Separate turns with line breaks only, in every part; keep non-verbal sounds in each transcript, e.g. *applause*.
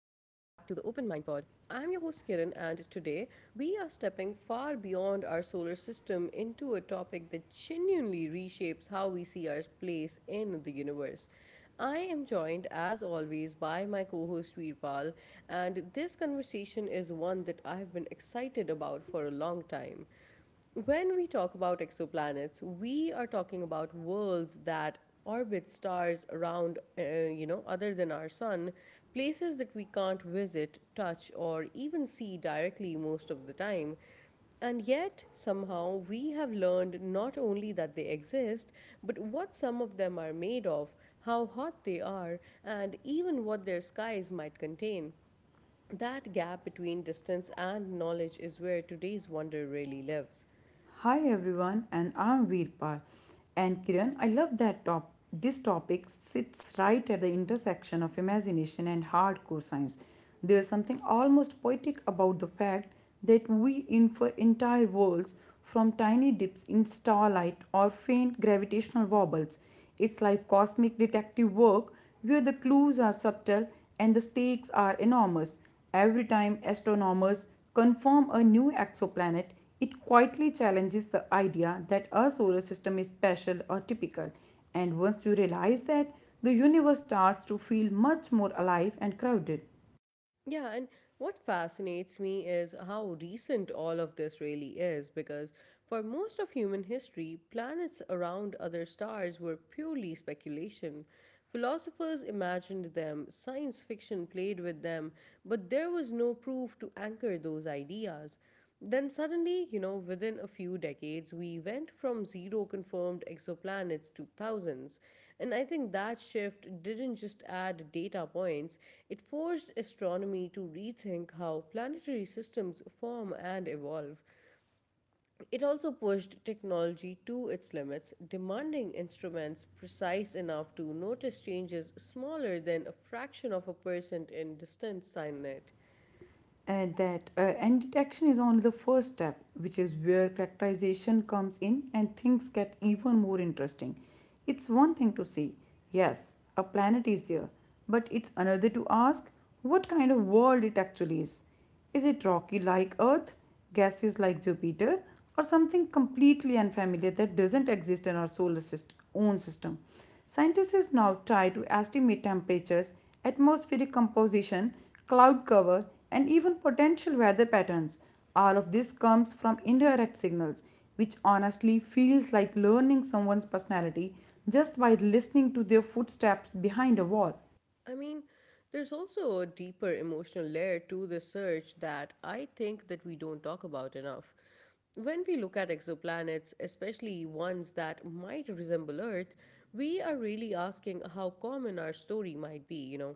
Mind Pod. I'm your host Kiran, and today we are stepping far beyond our solar system into a topic that genuinely reshapes how we see our place in the universe. I am joined, as always, by my co host Veerpal, and this conversation is one that I've been excited about for a long time. When we talk about exoplanets, we are talking about worlds that orbit stars around, other than our sun, places that we can't visit, touch, or even see directly most of the time. And yet, somehow, we have learned not only that they exist, but what some of them are made of, how hot they are, and even what their skies might contain. That gap between distance and knowledge is where today's wonder really lives.
Hi everyone, and I'm Veerpal and Kiran. I love that top. This topic sits right at the intersection of imagination and hardcore science. There's something almost poetic about the fact that we infer entire worlds from tiny dips in starlight or faint gravitational wobbles. It's like cosmic detective work where the clues are subtle and the stakes are enormous. Every time astronomers confirm a new exoplanet, it quietly challenges the idea that our solar system is special or typical, and once you realize that, the universe starts to feel much more alive and crowded.
Yeah, and what fascinates me is how recent all of this really is because for most of human history, planets around other stars were purely speculation. Philosophers imagined them, science fiction played with them, but there was no proof to anchor those ideas. Then suddenly, you know, within a few decades, we went from zero confirmed exoplanets to thousands. And I think that shift didn't just add data points, it forced astronomy to rethink how planetary systems form and evolve. It also pushed technology to its limits, demanding instruments precise enough to notice changes smaller than a fraction of a percent in distant signet.
And detection is only the first step, which is where characterization comes in and things get even more interesting. It's one thing to see, yes, a planet is there, but it's another to ask what kind of world it actually is. Is it rocky like Earth, gaseous like Jupiter, or something completely unfamiliar that doesn't exist in our solar system, own system? Scientists now try to estimate temperatures, atmospheric composition, cloud cover, and even potential weather patterns. All of this comes from indirect signals, which honestly feels like learning someone's personality just by listening to their footsteps behind a wall.
I mean, there's also a deeper emotional layer to this search that I think that we don't talk about enough. When we look at exoplanets, especially ones that might resemble Earth, we are really asking how common our story might be, you know.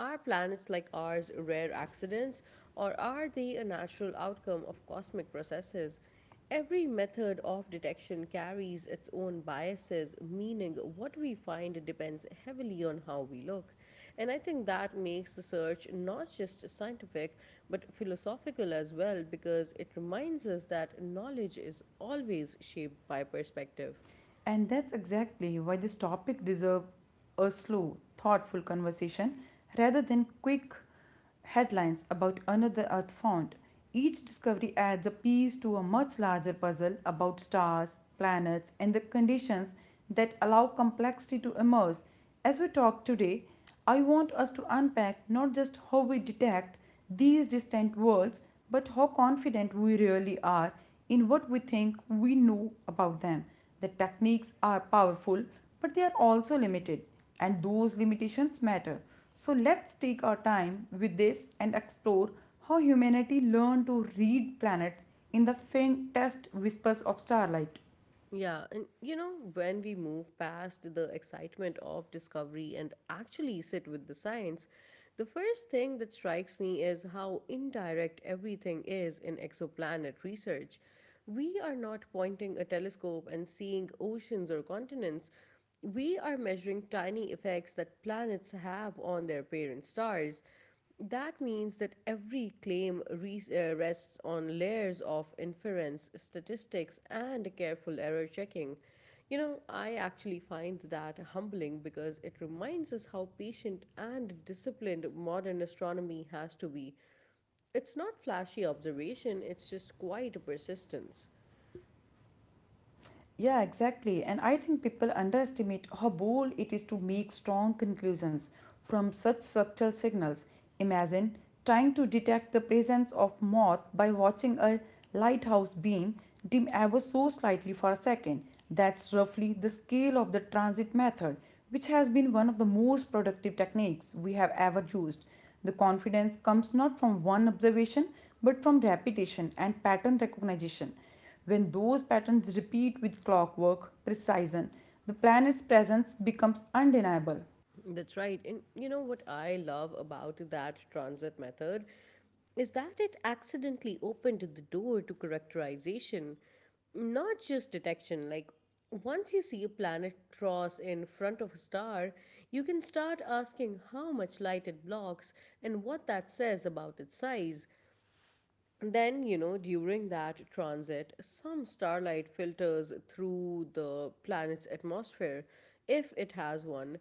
Are planets like ours rare accidents, or are they a natural outcome of cosmic processes? Every method of detection carries its own biases, meaning what we find depends heavily on how we look. And I think that makes the search not just scientific, but philosophical as well, because it reminds us that knowledge is always shaped by perspective.
And that's exactly why this topic deserves a slow, thoughtful conversation rather than quick headlines about another Earth found. Each discovery adds a piece to a much larger puzzle about stars, planets, and the conditions that allow complexity to emerge. As we talk today, I want us to unpack not just how we detect these distant worlds, but how confident we really are in what we think we know about them. The techniques are powerful, but they are also limited, and those limitations matter. So let's take our time with this and explore how humanity learned to read planets in the faintest whispers of starlight.
Yeah, and you know, when we move past the excitement of discovery and actually sit with the science, the first thing that strikes me is how indirect everything is in exoplanet research. We are not pointing a telescope and seeing oceans or continents. We are measuring tiny effects that planets have on their parent stars. That means that every claim rests on layers of inference, statistics, and careful error checking. You know, I actually find that humbling because it reminds us how patient and disciplined modern astronomy has to be. It's not flashy observation, it's just quiet persistence.
Yeah, exactly. And I think people underestimate how bold it is to make strong conclusions from such subtle signals. Imagine trying to detect the presence of moth by watching a lighthouse beam dim ever so slightly for a second. That's roughly the scale of the transit method, which has been one of the most productive techniques we have ever used. The confidence comes not from one observation but from repetition and pattern recognition. When those patterns repeat with clockwork precision, the planet's presence becomes undeniable.
That's right. And you know what I love about that transit method is that it accidentally opened the door to characterization, not just detection. Like, once you see a planet cross in front of a star, you can start asking how much light it blocks and what that says about its size. Then, you know, during that transit, some starlight filters through the planet's atmosphere, if it has one.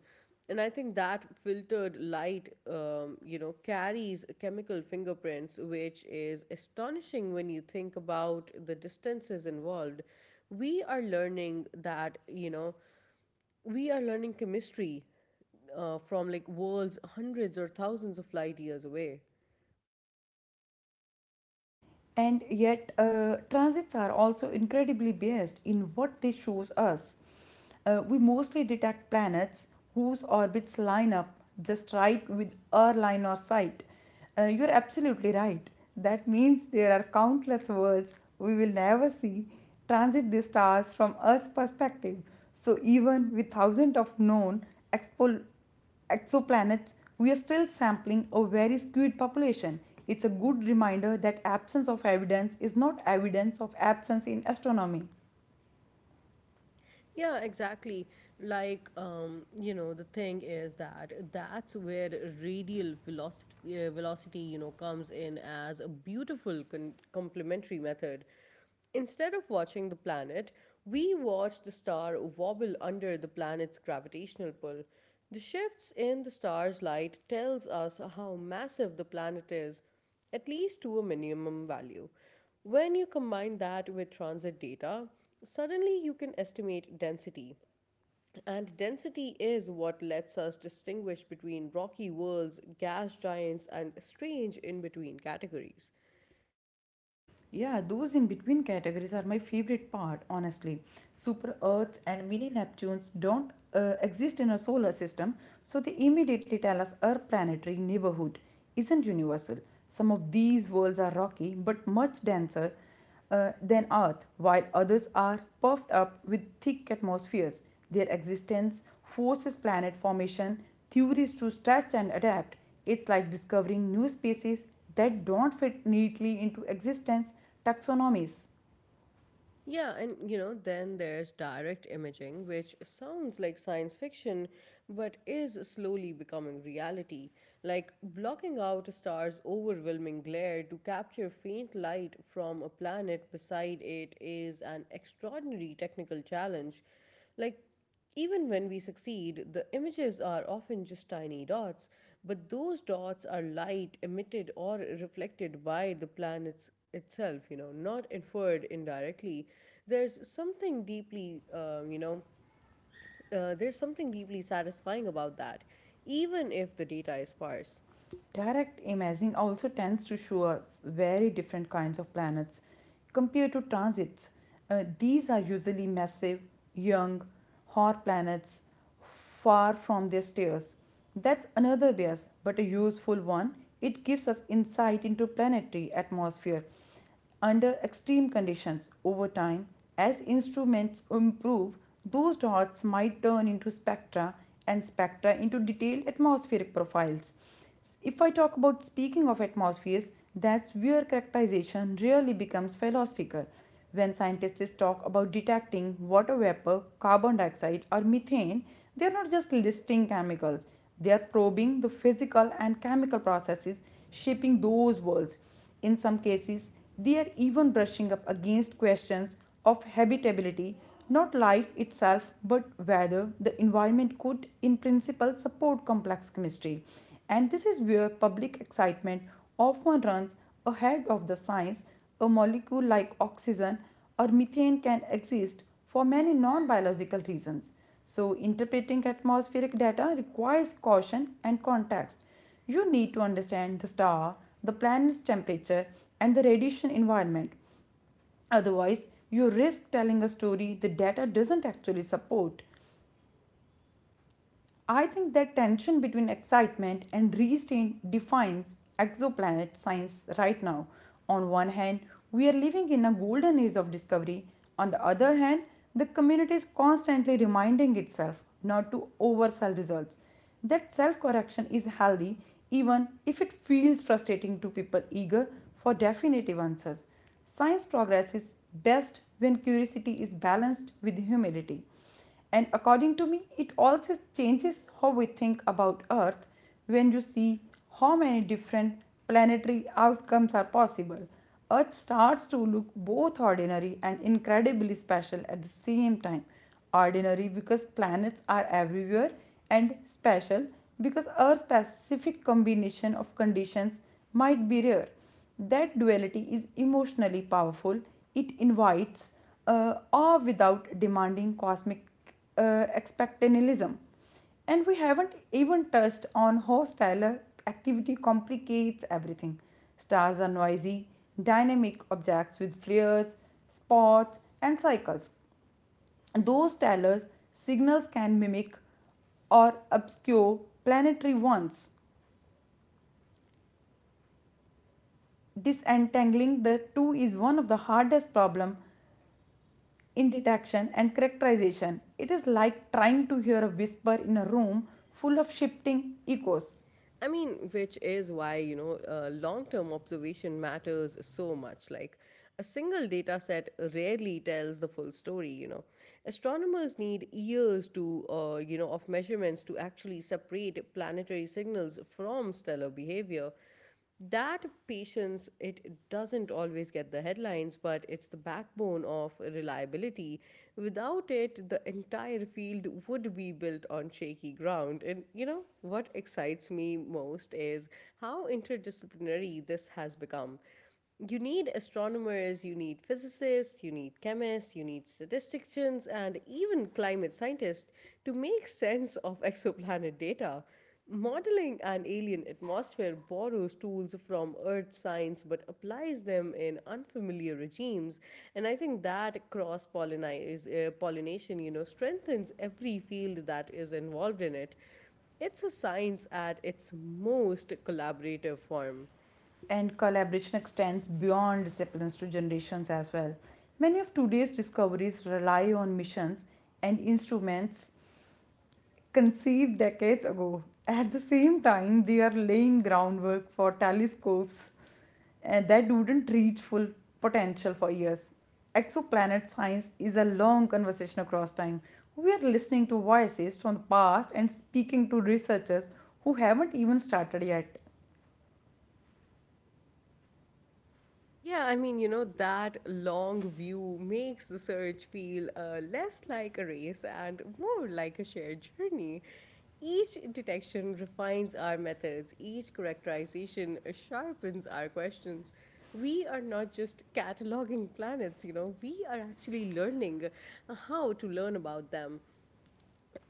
And I think that filtered light, carries chemical fingerprints, which is astonishing when you think about the distances involved. We are learning that, you know, we are learning chemistry from like worlds hundreds or thousands of light years away.
And yet, transits are also incredibly biased in what they show us. We mostly detect planets whose orbits line up just right with our line of sight. You're absolutely right. That means there are countless worlds we will never see transit the stars from Earth's perspective. So even with thousands of known expo- exoplanets, we are still sampling a very skewed population. It's a good reminder that absence of evidence is not evidence of absence in astronomy.
Yeah, exactly. Like, you know, the thing is that that's where radial velocity you know, comes in as a beautiful complementary method. Instead of watching the planet, we watch the star wobble under the planet's gravitational pull. The shifts in the star's light tells us how massive the planet is at least to a minimum value. When you combine that with transit data, suddenly you can estimate density. And density is what lets us distinguish between rocky worlds, gas giants, and strange in between categories.
Yeah, those in between categories are my favorite part, honestly. Super Earths and mini Neptunes don't exist in our solar system, so they immediately tell us our planetary neighborhood isn't universal. Some of these worlds are rocky but much denser than Earth, while others are puffed up with thick atmospheres. Their existence forces planet formation theories to stretch and adapt. It's like discovering new species that don't fit neatly into existence taxonomies.
Yeah, and you know, then there's direct imaging, which sounds like science fiction, but is slowly becoming reality. Like blocking out a star's overwhelming glare to capture faint light from a planet beside it is an extraordinary technical challenge. Like even when we succeed, the images are often just tiny dots, but those dots are light emitted or reflected by the planet itself, you know, not inferred indirectly. There's something deeply, uh, you know, there's something deeply satisfying about that, even if the data is sparse.
Direct imaging also tends to show us very different kinds of planets compared to transits. These are usually massive, young, hot planets far from their stars. That's another bias, but a useful one. It gives us insight into planetary atmosphere under extreme conditions over time as instruments improve those dots might turn into spectra and spectra into detailed atmospheric profiles if I talk about speaking of atmospheres that's where characterization really becomes philosophical when scientists talk about detecting water vapor carbon dioxide or methane they are not just listing chemicals they are probing the physical and chemical processes shaping those worlds in some cases, they are even brushing up against questions of habitability, not life itself, but whether the environment could, in principle, support complex chemistry. And this is where public excitement often runs ahead of the science. A molecule like oxygen or methane can exist for many non biological reasons. So, interpreting atmospheric data requires caution and context. You need to understand the star, the planet's temperature, and the radiation environment. Otherwise, you risk telling a story the data doesn't actually support. I think that tension between excitement and restraint defines exoplanet science right now. On one hand, we are living in a golden age of discovery. On the other hand, the community is constantly reminding itself not to oversell results. That self correction is healthy, even if it feels frustrating to people eager for definitive answers. Science progress is best when curiosity is balanced with humility. And according to me, it also changes how we think about Earth when you see how many different planetary outcomes are possible. Earth starts to look both ordinary and incredibly special at the same time. Ordinary because planets are everywhere, and special because Earth's specific combination of conditions might be rare. That duality is emotionally powerful. It invites awe without demanding cosmic expectantalism. And we haven't even touched on how stellar activity complicates everything. Stars are noisy, dynamic objects with flares, spots, and cycles. And those stellar signals can mimic or obscure planetary ones. Disentangling the two is one of the hardest problems. In detection and characterization, it is like trying to hear a whisper in a room full of shifting echoes.
I mean, which is why, you know, long term observation matters so much. Like, a single data set rarely tells the full story, you know. Astronomers need years to, of measurements to actually separate planetary signals from stellar behavior. That patience, it doesn't always get the headlines, but it's the backbone of reliability. Without it, the entire field would be built on shaky ground. And you know what excites me most is how interdisciplinary this has become. You need astronomers, you need physicists, you need chemists, you need statisticians, and even climate scientists to make *laughs* sense of exoplanet data. Modeling an alien atmosphere borrows tools from earth science but applies them in unfamiliar regimes. And I think that cross pollination, you know, strengthens every field that is involved in it. It's a science at its most collaborative form.
And collaboration extends beyond disciplines to generations as well. Many of today's discoveries rely on missions and instruments conceived decades ago. At the same time, they are laying groundwork for telescopes that wouldn't reach full potential for years. Exoplanet science is a long conversation across time. We are listening to voices from the past and speaking to researchers who haven't even started yet.
Yeah, I mean, you know, that long view makes the search feel less like a race and more like a shared journey. Each detection refines our methods, each characterization sharpens our questions. We are not just cataloging planets, you know, we are actually learning how to learn about them.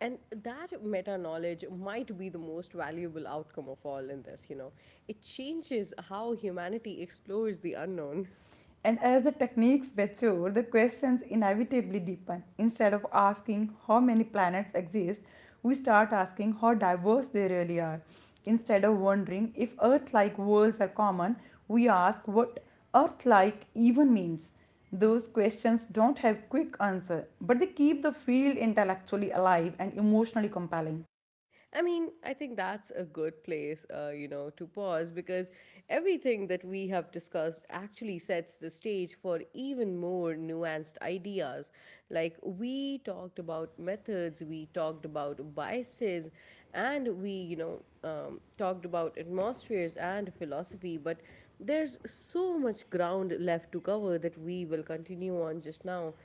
And that meta knowledge might be the most valuable outcome of all in this, you know. It changes how humanity explores the unknown. *laughs*
And as the techniques mature, the questions inevitably deepen. Instead of asking how many planets exist, we start asking how diverse they really are. Instead of wondering if Earth like worlds are common, we ask what Earth like even means. Those questions don't have quick answer, but they keep the field intellectually alive and emotionally compelling.
I mean, I think that's a good place, to pause because everything that we have discussed actually sets the stage for even more nuanced ideas. Like, we talked about methods, we talked about biases, and we, talked about atmospheres and philosophy, but there's so much ground left to cover that we will continue on just now.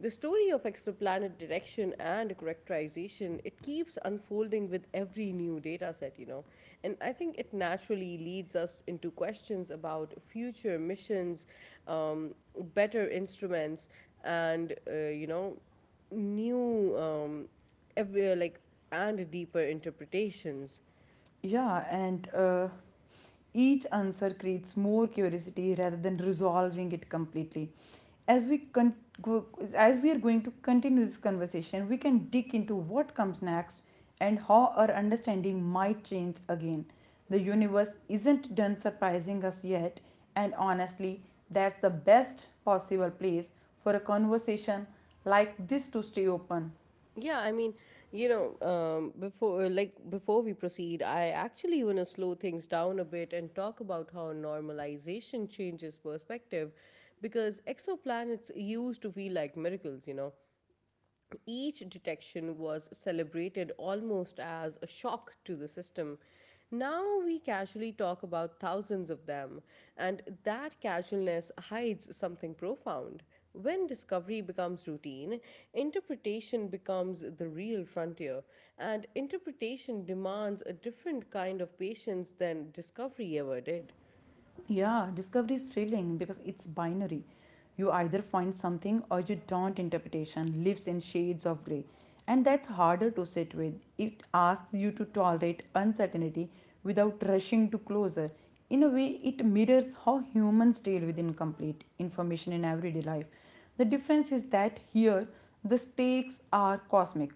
The story of exoplanet direction and characterization, it keeps unfolding with every new data set, you know. And I think it naturally leads us into questions about future missions, um, better instruments, and, you know, new, ev- like, and deeper interpretations.
Yeah, and each answer creates more curiosity rather than resolving it completely. as we con- go, as we are going to continue this conversation, we can dig into what comes next and how our understanding might change again. The universe isn't done surprising us yet, and honestly, that's the best possible place for a conversation like this to stay open.
Yeah, I mean, before before we proceed, I actually want to slow things down a bit and talk about how normalization changes perspective, because exoplanets used to feel like miracles. You know, each detection was celebrated almost as a shock to the system. Now we casually talk about thousands of them, and that casualness hides something profound. When discovery becomes routine, interpretation becomes the real frontier, and interpretation demands a different kind of patience than discovery ever did.
Yeah, discovery is thrilling because it's binary. You either find something or you don't. Interpretation lives in shades of grey, and that's harder to sit with. It asks you to tolerate uncertainty without rushing to closure. In a way, it mirrors how humans deal with incomplete information in everyday life. The difference is that here the stakes are cosmic.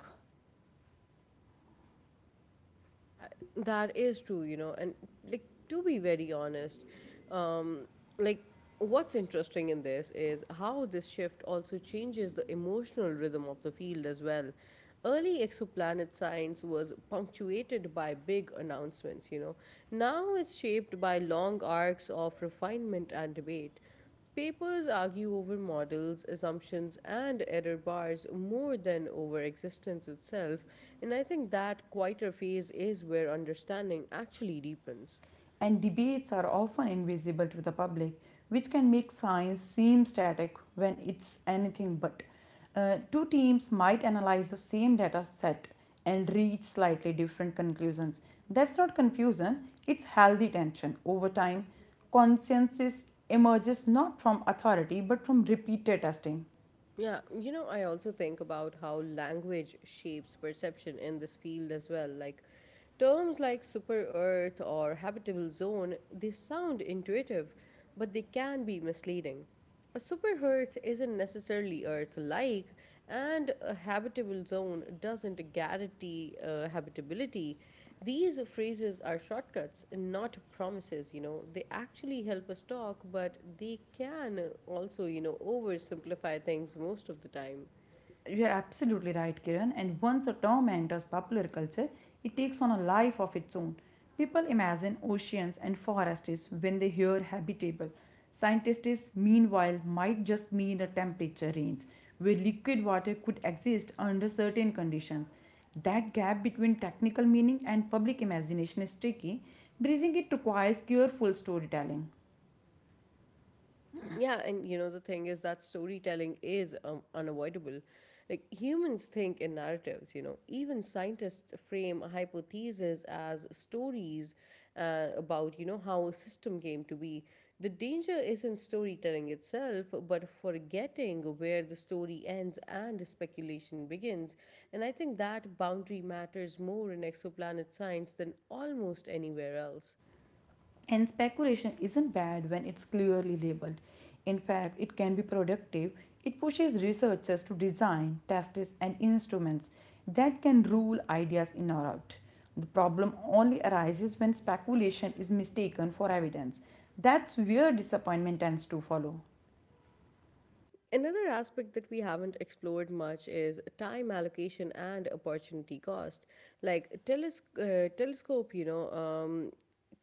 Uh, That is true, you know, and like to be very honest, um, like what's interesting in this is how this shift also changes the emotional rhythm of the field as well. Early exoplanet science was punctuated by big announcements, you know. Now it's shaped by long arcs of refinement and debate. Papers argue over models, assumptions, and error bars more than over existence itself, and I think that quieter phase is where understanding actually deepens.
And debates are often invisible to the public, which can make science seem static when it's anything but. Two teams might analyze the same data set and reach slightly different conclusions. That's not confusion, it's healthy tension. Over time, consensus emerges not from authority but from repeated testing.
Yeah, you know, I also think about how language shapes perception in this field as well. Like terms like super earth or habitable zone, they sound intuitive, but they can be misleading. A super earth isn't necessarily earth like, and a habitable zone doesn't guarantee habitability. These phrases are shortcuts and not promises, you know. They actually help us talk, but they can also, you know, oversimplify things most of the time.
You're absolutely right, Kiran. And once a term enters popular culture, it takes on a life of its own. People imagine oceans and forests when they hear habitable. Scientists, meanwhile, might just mean a temperature range where liquid water could exist under certain conditions. That gap between technical meaning and public imagination is tricky. Bridging it requires careful storytelling.
Yeah, and you know, the thing is that storytelling is unavoidable. Like humans think in narratives, you know, even scientists frame hypotheses as stories about, you know, how a system came to be. The danger isn't storytelling itself, but forgetting where the story ends and speculation begins. And I think that boundary matters more in exoplanet science than almost anywhere else.
And speculation isn't bad when it's clearly labeled. In fact, it can be productive. It pushes researchers to design, tests, and instruments that can rule ideas in or out. The problem only arises when speculation is mistaken for evidence. That's where disappointment tends to follow.
Another aspect that we haven't explored much is time allocation and opportunity cost. Like telescope,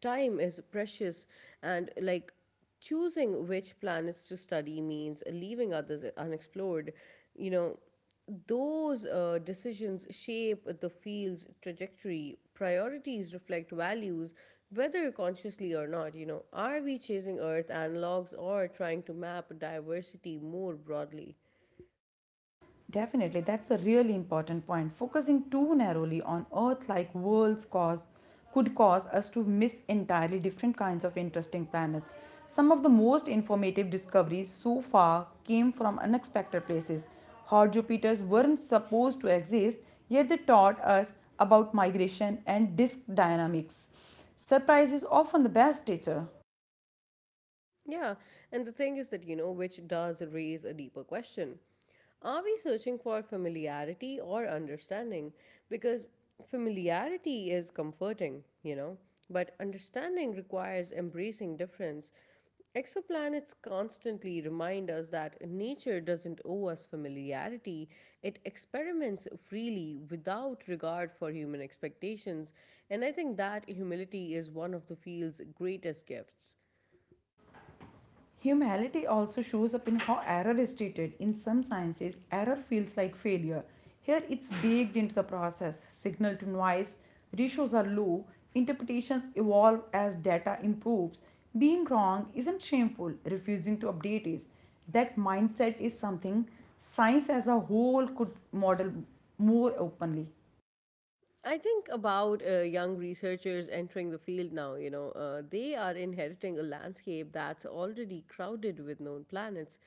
time is precious, and like choosing which planets to study means leaving others unexplored. You know, those decisions shape the field's trajectory. Priorities reflect values, whether consciously or not. You know, are we chasing Earth analogs or trying to map diversity more broadly?
Definitely, that's a really important point. Focusing too narrowly on Earth like worlds cause could cause us to miss entirely different kinds of interesting planets. Some of the most informative discoveries so far came from unexpected places. Hot Jupiters weren't supposed to exist, yet they taught us about migration and disk dynamics. Surprise is often the best teacher.
Yeah, and the thing is that, you know, which does raise a deeper question. Are we searching for familiarity or understanding? Because familiarity is comforting, you know, but understanding requires embracing difference. Exoplanets constantly remind us that nature doesn't owe us familiarity, it experiments freely without regard for human expectations, and I think that humility is one of the field's greatest gifts.
Humanity also shows up in how error is treated. In some sciences, error feels like failure. Here, it's baked into the process. Signal to noise ratios are low, interpretations evolve as data improves. Being wrong isn't shameful, refusing to update is. That mindset is something science as a whole could model more openly.
I think about young researchers entering the field now, you know, they are inheriting a landscape that's already crowded with known planets.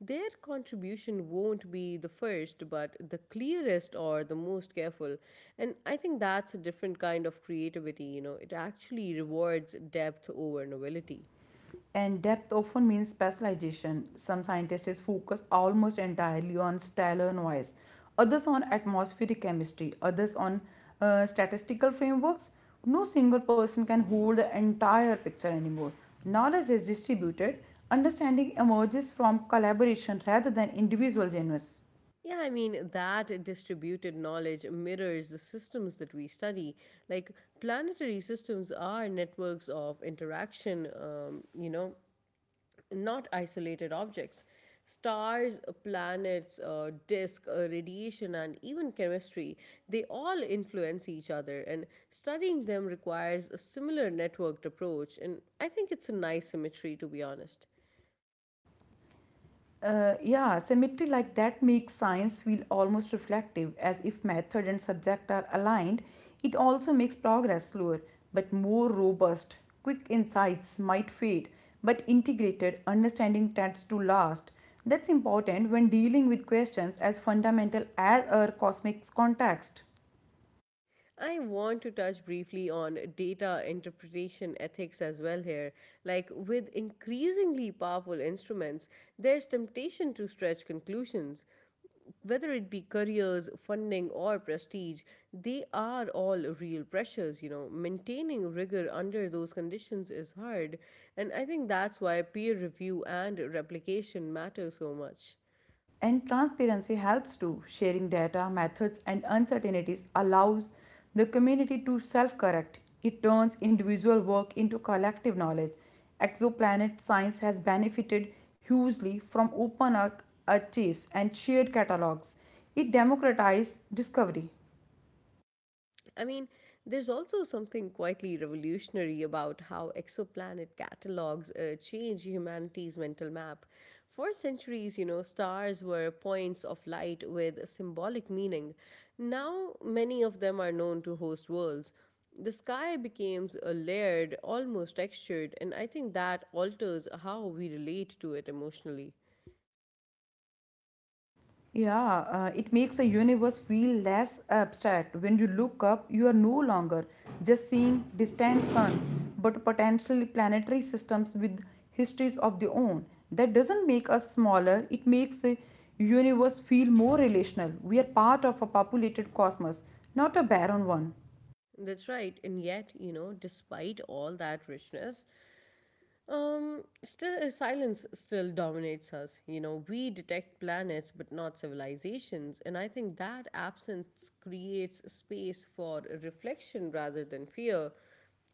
Their contribution won't be the first, but the clearest or the most careful. And I think that's a different kind of creativity, you know, it actually rewards depth over novelty.
And depth often means specialization. Some scientists focus almost entirely on stellar noise, others on atmospheric chemistry, others on statistical frameworks. No single person can hold the entire picture anymore. Knowledge is distributed, understanding emerges from collaboration rather than individual genius.
Yeah, I mean, that distributed knowledge mirrors the systems that we study. Like, planetary systems are networks of interaction, you know, not isolated objects. Stars, planets, disk, radiation, and even chemistry, they all influence each other, and studying them requires a similar networked approach. And I think it's a nice symmetry, to be honest.
Yeah, symmetry like that makes science feel almost reflective, as if method and subject are aligned. It also makes progress slower, but more robust. Quick insights might fade, but integrated understanding tends to last. That's important when dealing with questions as fundamental as our cosmic context.
I want to touch briefly on data interpretation ethics as well here. Like with increasingly powerful instruments, there's temptation to stretch conclusions. Whether it be careers, funding, or prestige, they are all real pressures. You know, maintaining rigor under those conditions is hard. And I think that's why peer review and replication matter so much.
And transparency helps too. Sharing data, methods, and uncertainties allows the community to self correct. It turns individual work into collective knowledge. Exoplanet science has benefited hugely from open archives and shared catalogs. It democratizes discovery.
I mean, there's also something quietly revolutionary about how exoplanet catalogs change humanity's mental map. For centuries, you know, stars were points of light with symbolic meaning. Now, many of them are known to host worlds. The sky becomes a layered, almost textured, and I think that alters how we relate to it emotionally.
Yeah, it makes the universe feel less abstract. When you look up, you are no longer just seeing distant suns, but potentially planetary systems with histories of their own. That doesn't make us smaller, it makes the universe feel more relational. We are part of a populated cosmos, not a barren one.
That's right. And yet, you know, despite all that richness, silence still dominates us. You know, we detect planets but not civilizations, and I think that absence creates space for reflection rather than fear.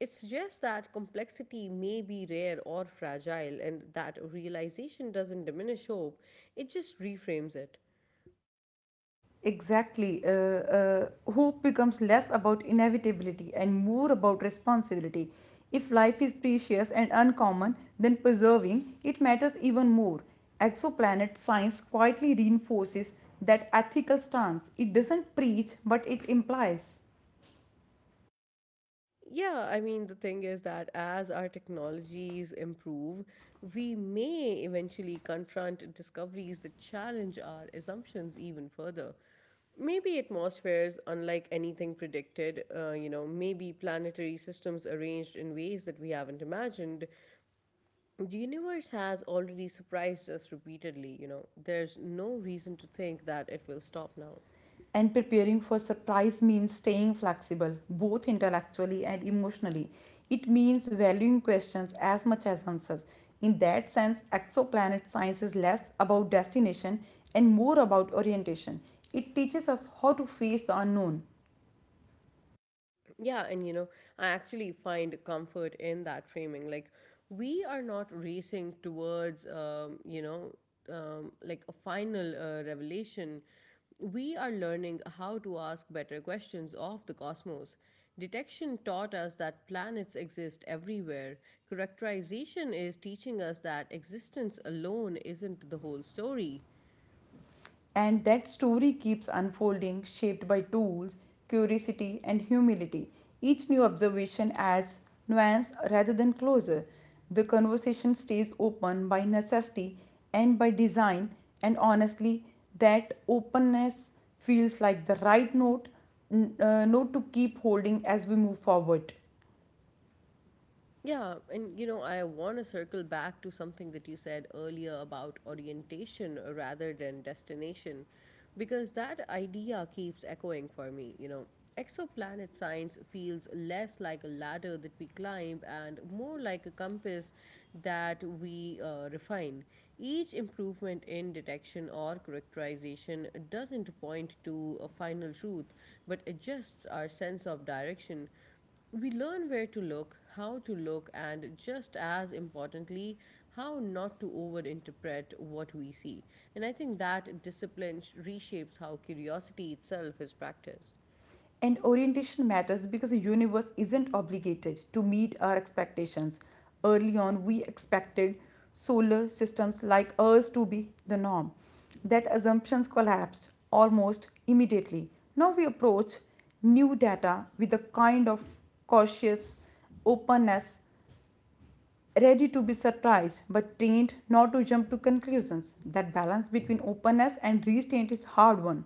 It suggests that complexity may be rare or fragile, and that realization doesn't diminish hope, it just reframes it.
Exactly. Hope becomes less about inevitability and more about responsibility. If life is precious and uncommon, then preserving it matters even more. Exoplanet science quietly reinforces that ethical stance. It doesn't preach, but it implies.
Yeah, I mean, the thing is that as our technologies improve, we may eventually confront discoveries that challenge our assumptions even further. Maybe atmospheres, unlike anything predicted, you know, maybe planetary systems arranged in ways that we haven't imagined. The universe has already surprised us repeatedly, you know, there's no reason to think that it will stop now.
And preparing for surprise means staying flexible, both intellectually and emotionally. It means valuing questions as much as answers. In that sense, exoplanet science is less about destination and more about orientation. It teaches us how to face the unknown.
Yeah, and you know, I actually find comfort in that framing. Like, we are not racing towards, like a final revelation. We are learning how to ask better questions of the cosmos. Detection taught us that planets exist everywhere. Characterization is teaching us that existence alone isn't the whole story.
And that story keeps unfolding, shaped by tools, curiosity, and humility. Each new observation adds nuance rather than closure. The conversation stays open by necessity and by design, and honestly, that openness feels like the right note to keep holding as we move forward.
Yeah, and you know, I want to circle back to something that you said earlier about orientation rather than destination, because that idea keeps echoing for me. You know, exoplanet science feels less like a ladder that we climb and more like a compass that we refine. Each improvement in detection or characterization doesn't point to a final truth, but adjusts our sense of direction. We learn where to look, how to look, and just as importantly, how not to overinterpret what we see. And I think that discipline reshapes how curiosity itself is practiced.
And orientation matters because the universe isn't obligated to meet our expectations. Early on, we expected solar systems like ours to be the norm. That assumptions collapsed almost immediately. Now we approach new data with a kind of cautious openness, ready to be surprised but trained not to jump to conclusions. That balance between openness and restraint is hard one.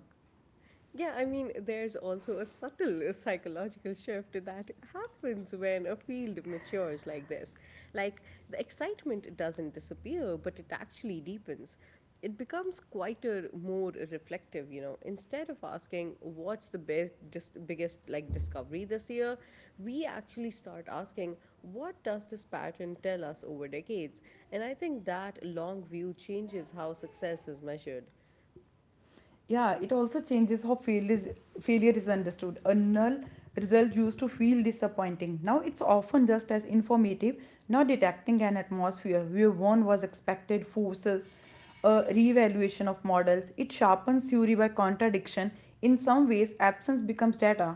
Yeah, I mean, there's also a subtle psychological shift that happens when a field matures like this. Like, the excitement doesn't disappear, but it actually deepens. It becomes quieter, more reflective, you know. Instead of asking, what's the best, just biggest, like, discovery this year, we actually start asking, what does this pattern tell us over decades? And I think that long view changes how success is measured.
Yeah, it also changes failure is understood. A null result used to feel disappointing. Now it's often just as informative, not detecting an atmosphere where one was expected, forces, a reevaluation of models. It sharpens theory by contradiction. In some ways, absence becomes data.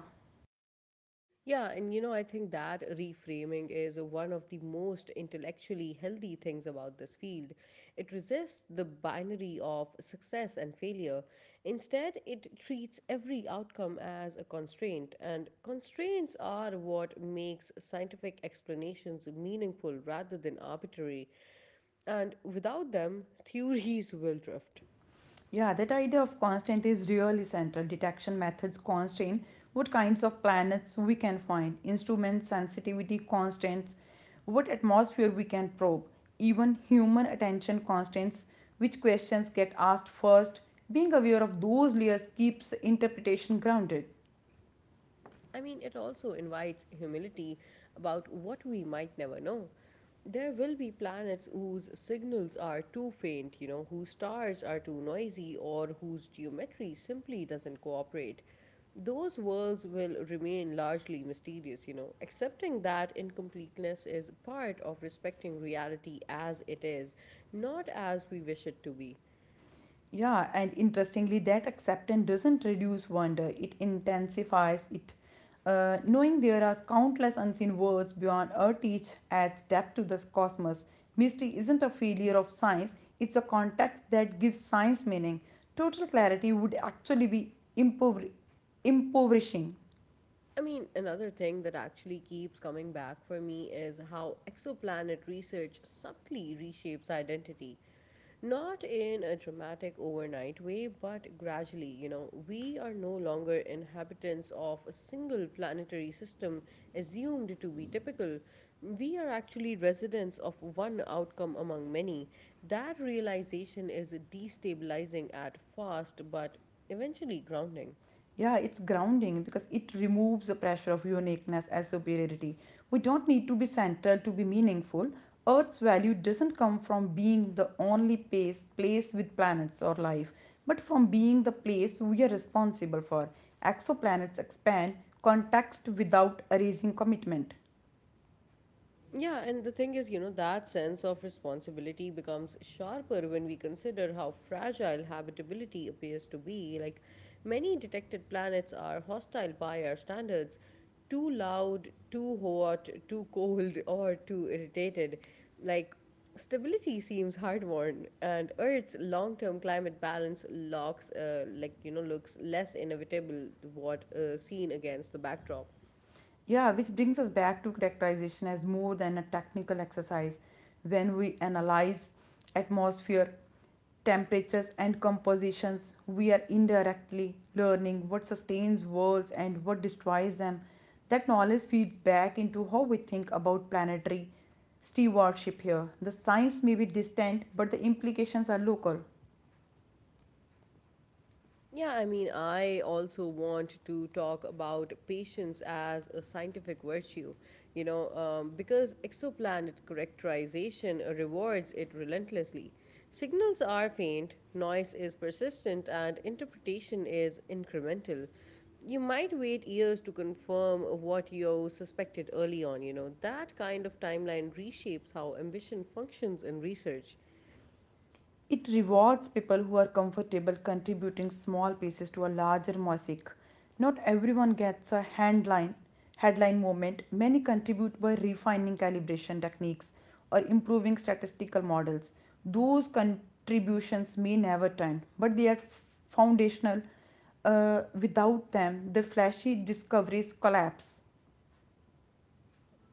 Yeah, and you know, I think that reframing is one of the most intellectually healthy things about this field. It resists the binary of success and failure. Instead, it treats every outcome as a constraint, and constraints are what makes scientific explanations meaningful rather than arbitrary. And without them, *laughs* theories will drift.
Yeah, that idea of constant is really central. Detection methods constrain what kinds of planets we can find, instruments, sensitivity constraints, what atmosphere we can probe, even human attention constraints, which questions get asked first. Being aware of those layers keeps interpretation grounded.
I mean, it also invites humility about what we might never know. There will be planets whose signals are too faint, you know, whose stars are too noisy, or whose geometry simply doesn't cooperate. Those worlds will remain largely mysterious, you know. Accepting that incompleteness is part of respecting reality as it is, not as we wish it to be.
Yeah, and interestingly, that acceptance doesn't reduce wonder, it intensifies it. Knowing there are countless unseen worlds beyond our teach adds depth to the cosmos. Mystery isn't a failure of science, it's a context that gives science meaning. Total clarity would actually be impoverishing.
I mean, another thing that actually keeps coming back for me is how exoplanet research subtly reshapes identity. Not in a dramatic overnight way, but gradually, you know, we are no longer inhabitants of a single planetary system assumed to be typical. We are actually residents of one outcome among many. That realization is destabilizing at first, but eventually grounding.
Yeah, it's grounding because it removes the pressure of uniqueness as superiority. We don't need to be central to be meaningful. Earth's value doesn't come from being the only place with planets or life, but from being the place we are responsible for. Exoplanets expand context without erasing commitment.
Yeah, and the thing is, you know, that sense of responsibility becomes sharper when we consider how fragile habitability appears to be. Like, many detected planets are hostile by our standards, too loud, too hot, too cold, *laughs* or too irritated. Like, stability seems hard won, and Earth's long term climate balance like, you know, looks less inevitable to what seen against the backdrop.
Yeah, which brings us back to characterization as more than a technical exercise. When we analyze atmosphere, temperatures and compositions, we are indirectly learning what sustains worlds and what destroys them. That knowledge feeds back into how we think about planetary stewardship here. The science may be distant, but the implications are local.
Yeah, I mean, I also want to talk about patience as a scientific virtue, you know, because exoplanet characterization rewards it relentlessly. Signals are faint, noise is persistent, and interpretation is incremental. You might wait years to confirm what you suspected early on, you know. That kind of timeline reshapes how ambition functions in research.
It rewards people who are comfortable contributing small pieces to a larger mosaic. Not everyone gets a headline moment. Many contribute by refining calibration techniques or improving statistical models. Those contributions may never turn, but they are foundational. Without them, the flashy discoveries collapse.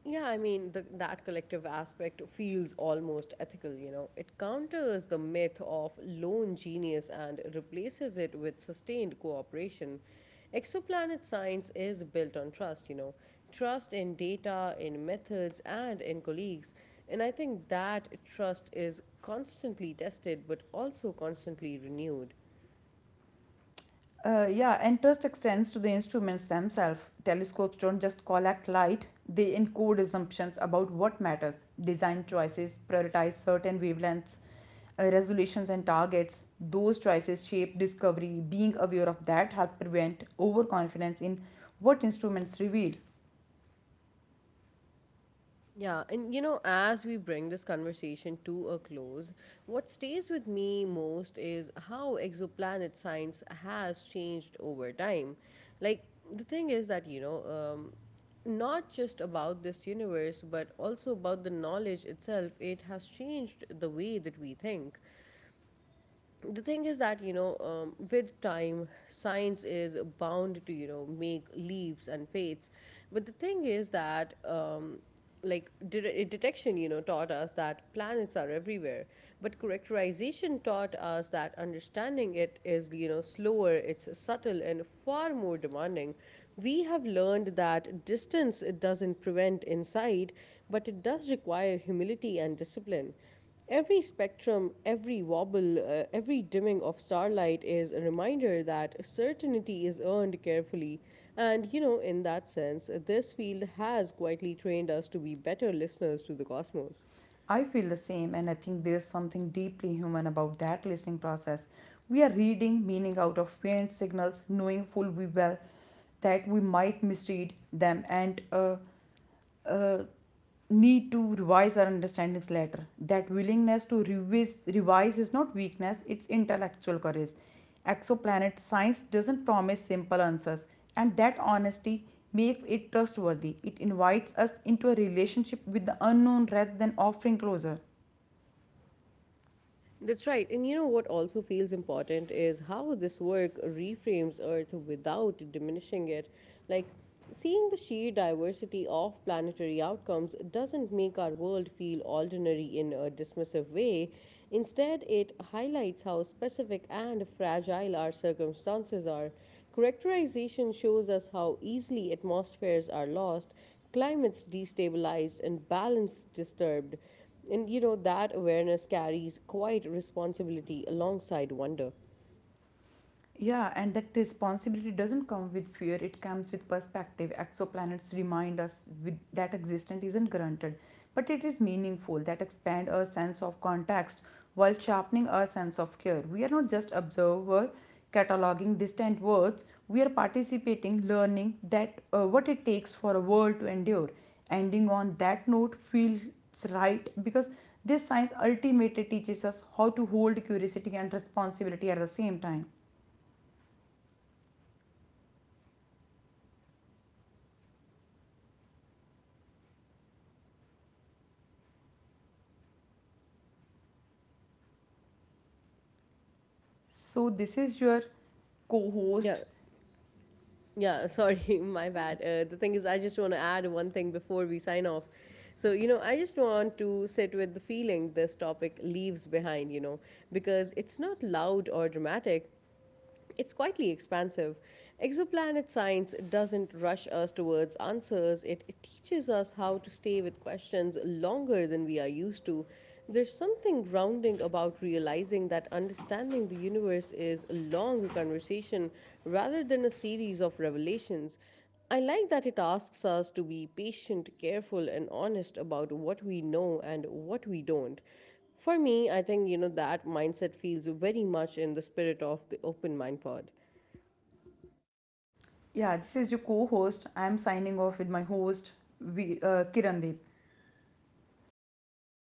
Yeah, I mean, that collective aspect feels almost ethical, you know. It counters the myth of lone genius and replaces it with sustained cooperation. Exoplanet science is built on trust, you know, trust in data, in methods, and in colleagues. And I think that trust is constantly tested but also constantly renewed.
Yeah, and trust extends to the instruments themselves. Telescopes don't just collect light, they encode assumptions about what matters. Design choices prioritize certain wavelengths, resolutions, and targets. Those choices shape discovery. Being aware of that helps prevent overconfidence in what instruments reveal.
Yeah, and you know, as we bring this conversation to a close, what stays with me most is how exoplanet science has changed over time. Like, the thing is that, you know, not just about this universe, but also about the knowledge itself, it has changed the way that we think. The thing is that, you know, with time science is bound to, you know, make leaps and fates, but the thing is that, like detection, you know, taught us that planets are everywhere, but characterization taught us that understanding it is, you know, slower, it's subtle and far more demanding. We have learned that distance, it doesn't prevent insight, but it does require humility and discipline. Every spectrum, every wobble, every dimming of starlight is a reminder that certainty is earned carefully. And, you know, in that sense, this field has quietly trained us to be better listeners to the cosmos.
I feel the same, and I think there's something deeply human about that listening process. We are reading meaning out of faint signals, knowing full well that we might misread them and uh, need to revise our understandings later. That willingness to revise is not weakness, it's intellectual courage. Exoplanet science doesn't promise simple answers, and that honesty makes it trustworthy. It invites us into a relationship with the unknown rather than offering closure.
That's right. And you know what also feels important is how this work reframes Earth without diminishing it. Like, seeing the sheer diversity of planetary outcomes doesn't make our world feel ordinary in a dismissive way. Instead, it highlights how specific and fragile our circumstances are. Characterization shows us how easily atmospheres are lost, climates destabilized, and balance disturbed. And you know, that awareness carries quite responsibility alongside wonder.
Yeah, and that responsibility doesn't come with fear, it comes with perspective. Exoplanets remind us with, that existence isn't granted, but it is meaningful, that expand our sense of context while sharpening our sense of care. We are not just observer cataloging distant words, we are participating, learning that what it takes for a world to endure. Ending on that note feels right because this science ultimately teaches us how to hold curiosity and responsibility at the same time. So, this is your co host.
Yeah. Yeah, sorry, *laughs* my bad. The thing is, I just want to add one thing before we sign off. So, you know, I just want to sit with the feeling this topic leaves behind, you know, because it's not loud or dramatic, it's quietly expansive. Exoplanet science doesn't rush us towards answers, it, teaches us how to stay with questions longer than we are used to. There's something grounding about realizing that understanding the universe is a long conversation rather than a series of revelations. I like that it asks us to be patient, careful, and honest about what we know and what we don't. For me, I think, you know, that mindset feels very much in the spirit of the Open Mind Pod.
Yeah, this is your co host. I'm signing off with my host, Kirandeep. Thank you.